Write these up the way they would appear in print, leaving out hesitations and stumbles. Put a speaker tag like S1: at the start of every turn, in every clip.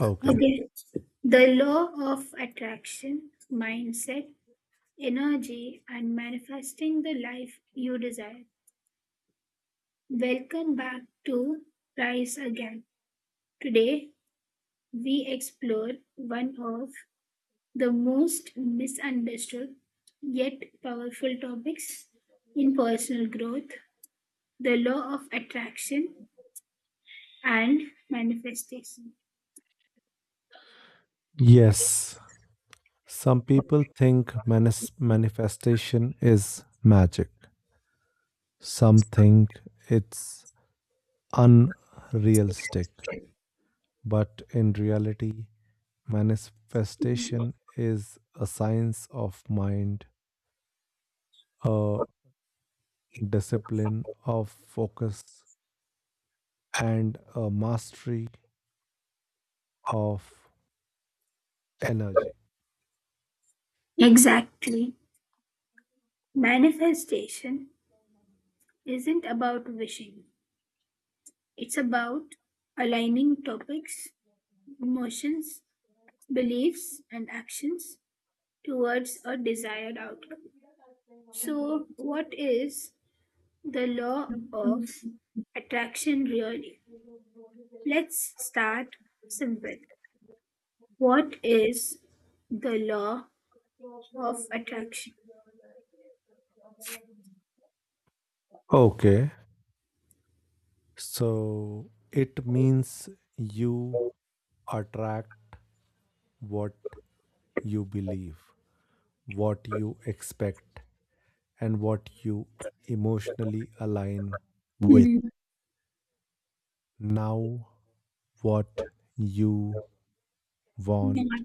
S1: Okay.
S2: Okay. The law of attraction, mindset, energy, and manifesting the life you desire. Welcome back to Rise Again. Today, we explore one of the most misunderstood yet powerful topics, in personal growth the law of attraction and manifestation.
S1: Yes. Some people think manifestation is magic. Some think it's unrealistic. But in reality, manifestation is a science of mind, a discipline of focus, and a mastery of energy.
S2: Exactly. Manifestation isn't about wishing. It's about aligning topics, emotions, beliefs, and actions towards a desired outcome. So, what is the law of attraction really? Let's start simple. What is the law of attraction?
S1: Okay. So it means you attract what you believe, what you expect, and what you emotionally align with.
S2: Mhm.
S1: Now, what you want,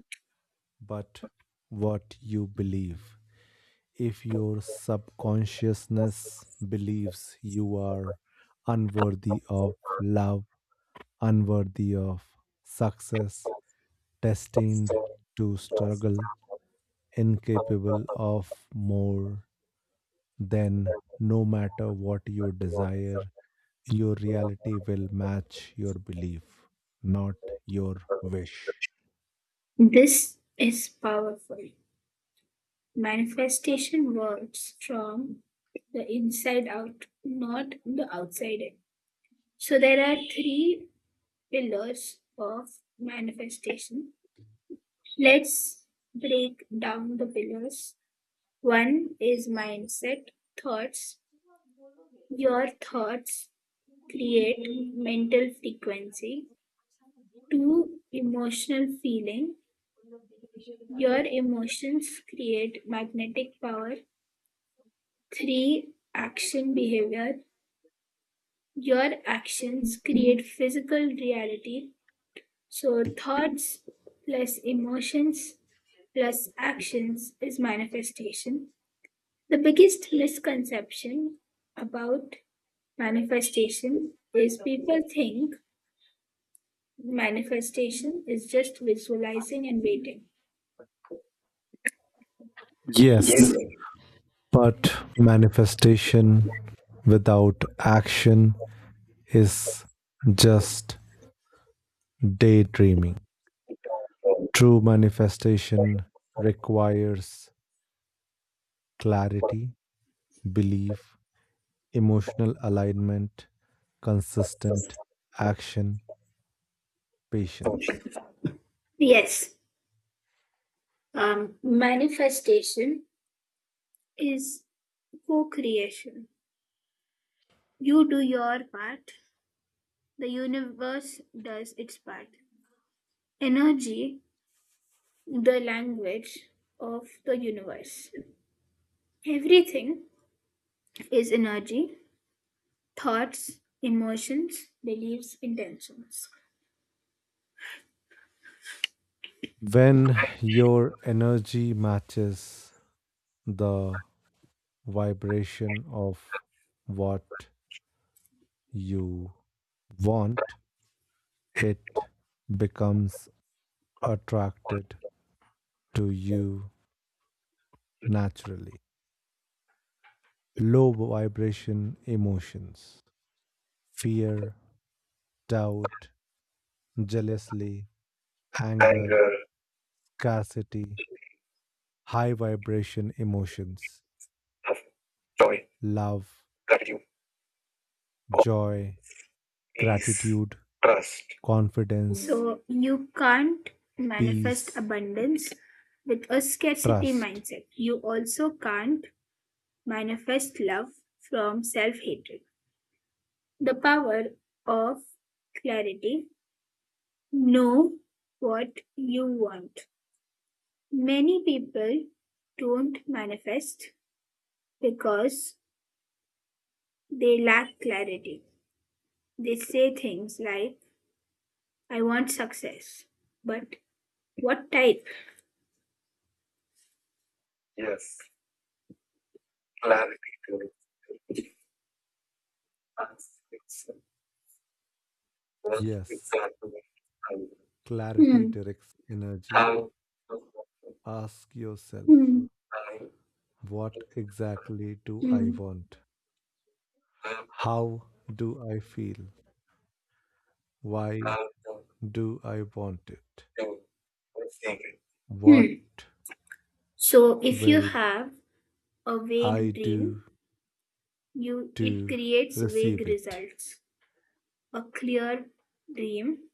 S1: but what you believe. If your subconsciousness believes you are unworthy of love, unworthy of success, destined to struggle, incapable of more, then no matter what you
S2: Not-
S1: desire, your reality will match your belief, not your wish.
S2: This is powerful. Manifestation works from the inside out, not the outside in. So there are three pillars of manifestation. Let's break down the pillars. One is mindset, thoughts. Your thoughts create mental frequency. Two, emotional feeling. Your emotions create magnetic power. 3. Action behavior. Your actions create physical reality. So, thoughts plus emotions plus actions is manifestation. The biggest misconception about manifestation is people think manifestation is just visualizing and waiting.
S1: Yes, but manifestation without action is just daydreaming. True manifestation requires clarity, belief, emotional alignment, consistent action, patience.
S2: Yes. Manifestation is co creation. You do your part, the universe does its part. Energy, the language of the universe. Everything is energy, thoughts, emotions, beliefs, intentions.
S1: When your energy matches the vibration of what you want, it becomes attracted to you naturally. Low vibration emotions, fear, doubt, jealousy, anger,
S2: Anger,
S1: scarcity; high vibration emotions,
S2: love, joy,
S1: love,
S2: gratitude,
S1: joy,
S2: peace,
S1: gratitude,
S2: trust.
S1: confidence,
S2: So you can't manifest
S1: peace,
S2: abundance with a scarcity
S1: trust.
S2: mindset. You also can't manifest love from self hatred. The power of clarity. Know what you want. Many people don't manifest because they lack clarity. They say things like, I want success. But what type? Yes, clarity to us. That's
S1: Yes,
S2: exactly. Hmm.
S1: clarity
S2: Mm,
S1: directs energy.
S2: how
S1: Ask yourself,
S2: mm, I
S1: what exactly do I
S2: mm,
S1: want?
S2: am
S1: How do I feel? Why
S2: out of
S1: do I want it?
S2: doing the thing.
S1: What
S2: mm. So if you
S1: will
S2: have a
S1: I
S2: vague
S1: do
S2: dream, you it
S1: to
S2: creates vague
S1: receive it?
S2: results. A clear dream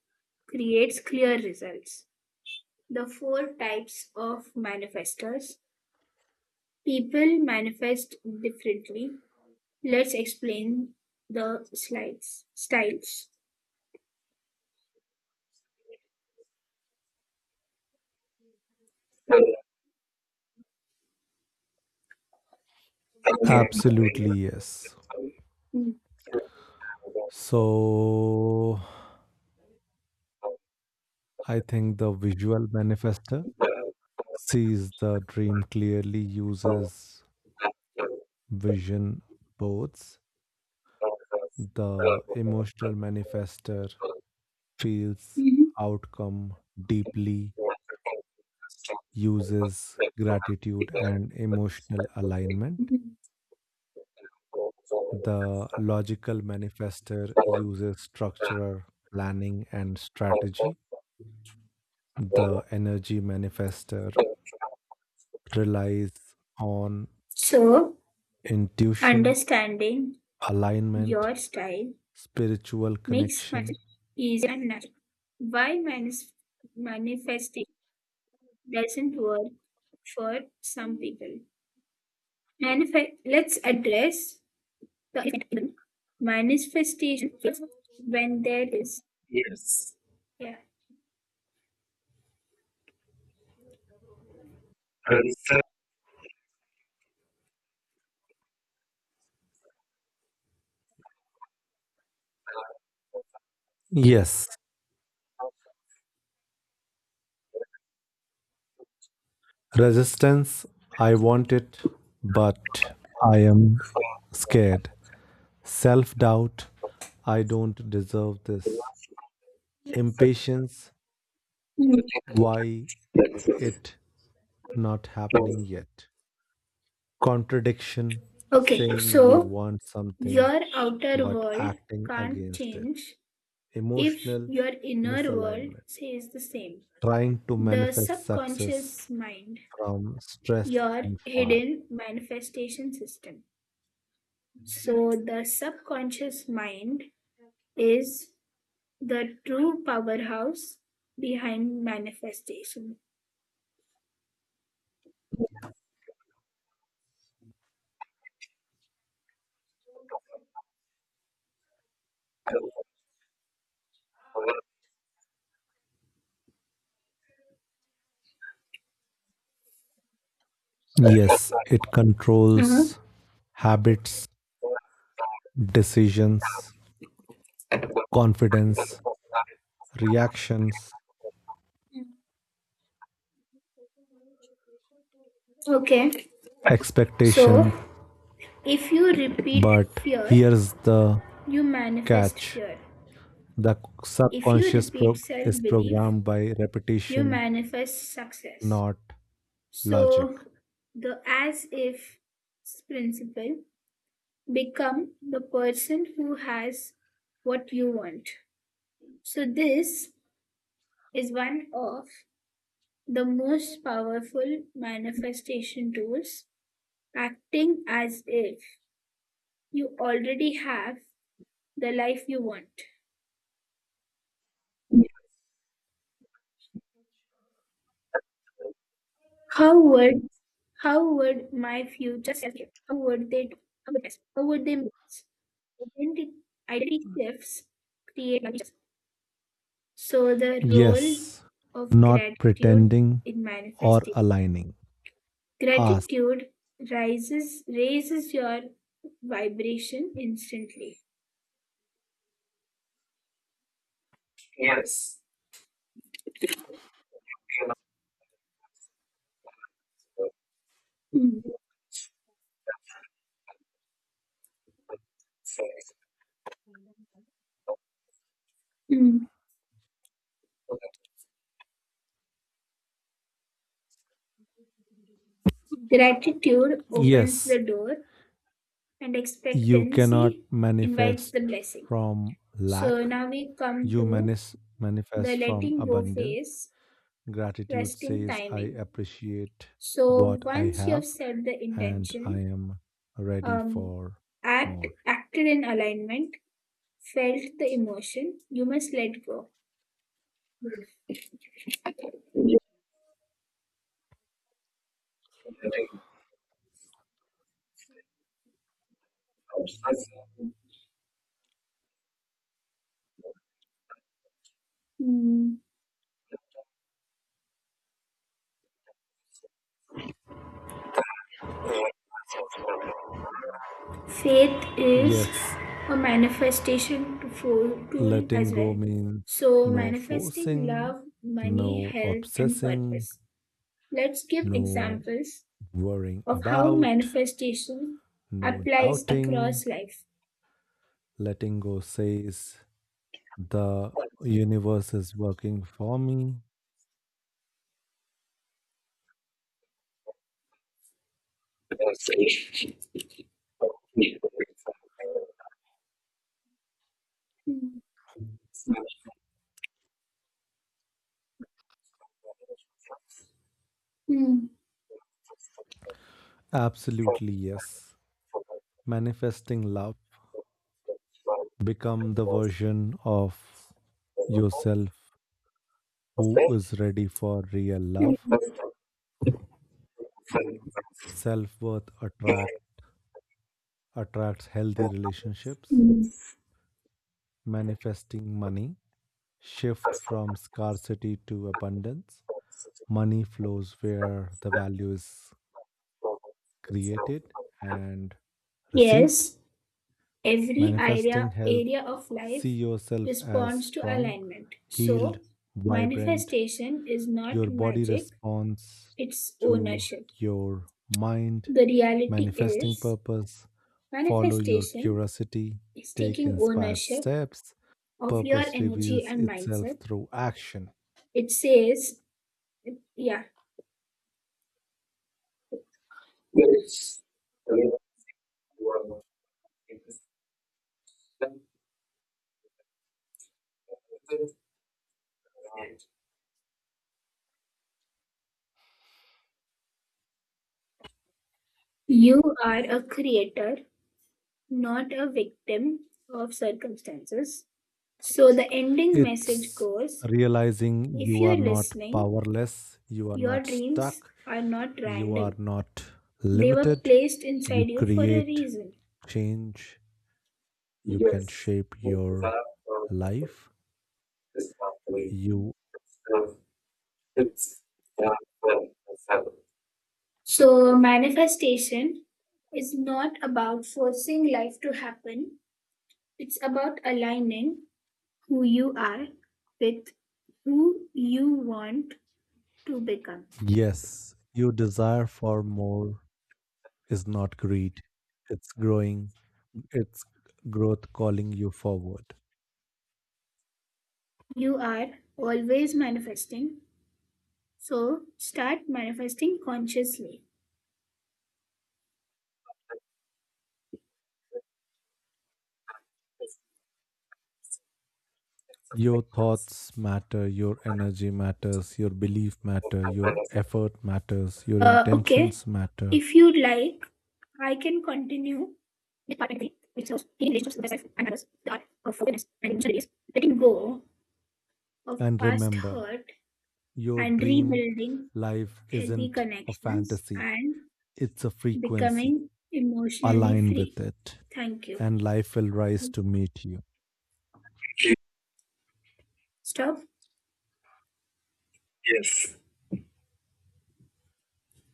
S2: creates clear results. The four types of manifestors. People manifest differently. Let's explain the slides styles. Mm.
S1: Absolutely, yes.
S2: Mhm.
S1: So, I think the visual manifester sees the dream clearly, uses vision boards; the emotional manifester feels
S2: Mhm.
S1: outcome deeply, uses gratitude and emotional alignment. The logical manifester uses structure, planning, and strategy. The energy manifester relies on
S2: So,
S1: intuition,
S2: understanding
S1: alignment,
S2: your style
S1: spiritual
S2: makes
S1: connection.
S2: manifestation easy and natural. Why manifestation doesn't work for some people? Manifest. Let's address the elephant. Manifestation when there is. Yes. Yeah.
S1: Yes, resistance, I want it, but I am scared. Self doubt, I don't deserve this. Impatience,
S2: Mm.
S1: why it not happening yet? Contradiction,
S2: Okay,
S1: saying you
S2: so
S1: want something
S2: your outer
S1: but
S2: world
S1: acting
S2: can't
S1: against it.
S2: change if
S1: Emotional
S2: your inner world
S1: misalignment,
S2: says the same,
S1: trying to
S2: the
S1: manifest success
S2: subconscious mind,
S1: from stress
S2: your
S1: and far.
S2: hidden manifestation system. So, the subconscious mind is the true powerhouse behind manifestation.
S1: Yes, it
S2: Mhm.
S1: controls habits, decisions, confidence, reactions,
S2: Okay, so
S1: expectations.
S2: if you repeat
S1: But
S2: fear,
S1: here's the
S2: you manifest
S1: catch,
S2: fear.
S1: the
S2: If you
S1: subconscious
S2: repeat
S1: pro-
S2: self
S1: is
S2: belief,
S1: programmed by
S2: you
S1: repetition,
S2: manifest success.
S1: not logic.
S2: So the as if principle, become the person who has what you want. So this is one of the most powerful manifestation tools, acting as if you already have the life you want. How would how would my future self, how would they do? How would they make? Identity, identity shifts create challenges. So the role
S1: Yes,
S2: of
S1: not
S2: gratitude
S1: pretending
S2: in
S1: or
S2: manifesting.
S1: aligning. Ask.
S2: Gratitude rises raises your vibration instantly. Yes. Mm. Mm. Gratitude opens
S1: Yes,
S2: the door and
S1: you cannot
S2: expectancy invites
S1: manifest
S2: the blessing.
S1: from
S2: So
S1: lack,
S2: now we come
S1: you
S2: to
S1: manis-
S2: the
S1: manifest from
S2: letting go
S1: abundance.
S2: phase,
S1: Gratitude
S2: trusting
S1: says, I
S2: timing.
S1: appreciate
S2: So
S1: what I
S2: once you have
S1: have
S2: set the
S1: and I
S2: intention,
S1: am ready
S2: um,
S1: for more.
S2: acted in alignment, felt the emotion, you must let go. Mm. Faith is
S1: Yes,
S2: a manifestation tool
S1: letting
S2: as
S1: go
S2: well.
S1: means
S2: So
S1: no
S2: manifesting
S1: forcing,
S2: love, money,
S1: no
S2: health, and
S1: obsessing,
S2: purpose. Let's give
S1: no
S2: examples
S1: worrying
S2: of how
S1: about,
S2: manifestation
S1: no
S2: applies
S1: doubting.
S2: across life.
S1: Letting go says, the universe is working for me.
S2: Mm. Mm. Mm. Mm.
S1: Absolutely, yes. Manifesting love. Become the version of yourself who is ready for real love. Self-worth attracts healthy relationships. Manifesting money. Shift from scarcity to abundance. Money flows where the value is created and received.
S2: Yes, every
S1: Manifesting health.
S2: area of
S1: See
S2: life
S1: yourself as
S2: responds to
S1: strong,
S2: alignment.
S1: healed,
S2: So,
S1: vibrant.
S2: manifestation is not
S1: Your body
S2: magic,
S1: responds
S2: it's
S1: to
S2: ownership.
S1: your mind.
S2: The reality
S1: Manifesting
S2: is,
S1: purpose. Follow your
S2: manifestation
S1: curiosity,
S2: is
S1: take
S2: taking
S1: inspired
S2: ownership
S1: steps.
S2: of your
S1: Purpose
S2: energy
S1: reveals
S2: and
S1: itself
S2: mindset.
S1: through action.
S2: It says, yeah, you are a creator, not a victim of circumstances. So the ending message
S1: It's
S2: goes,
S1: realizing
S2: if
S1: you are
S2: you're
S1: not
S2: listening,
S1: powerless, you are
S2: your
S1: not
S2: dreams
S1: stuck,
S2: are not
S1: you are
S2: random,
S1: not
S2: they were
S1: limited.
S2: placed
S1: You
S2: inside you for a
S1: create
S2: reason.
S1: change, you can
S2: Yes,
S1: shape
S2: it is
S1: your
S2: up from
S1: life.
S2: this pathway.
S1: You.
S2: So it's down from the seven. So, manifestation is not about forcing life to happen, it's about aligning who you are with who you want to become.
S1: Yes, your desire for more is not greed. It's growing, it's growth calling you forward.
S2: You are always manifesting, so start manifesting consciously. It's it's a
S1: Your
S2: sequence.
S1: thoughts matter, your energy matters, your belief
S2: It's
S1: matter,
S2: a
S1: your
S2: minus.
S1: effort matters, your
S2: Okay,
S1: intentions matter.
S2: if you'd like, I can continue. Department three, which shows healing relationships with self and others, the art of forgiveness and emotional release, letting go of
S1: And
S2: past
S1: remember,
S2: hurt
S1: your
S2: and
S1: dream
S2: rebuilding
S1: life
S2: healthy
S1: isn't a
S2: connections
S1: fantasy,
S2: and
S1: it's a frequency.
S2: becoming emotionally
S1: Align
S2: free.
S1: with it,
S2: Thank you.
S1: and life will rise to meet you.
S2: Stop. Yes.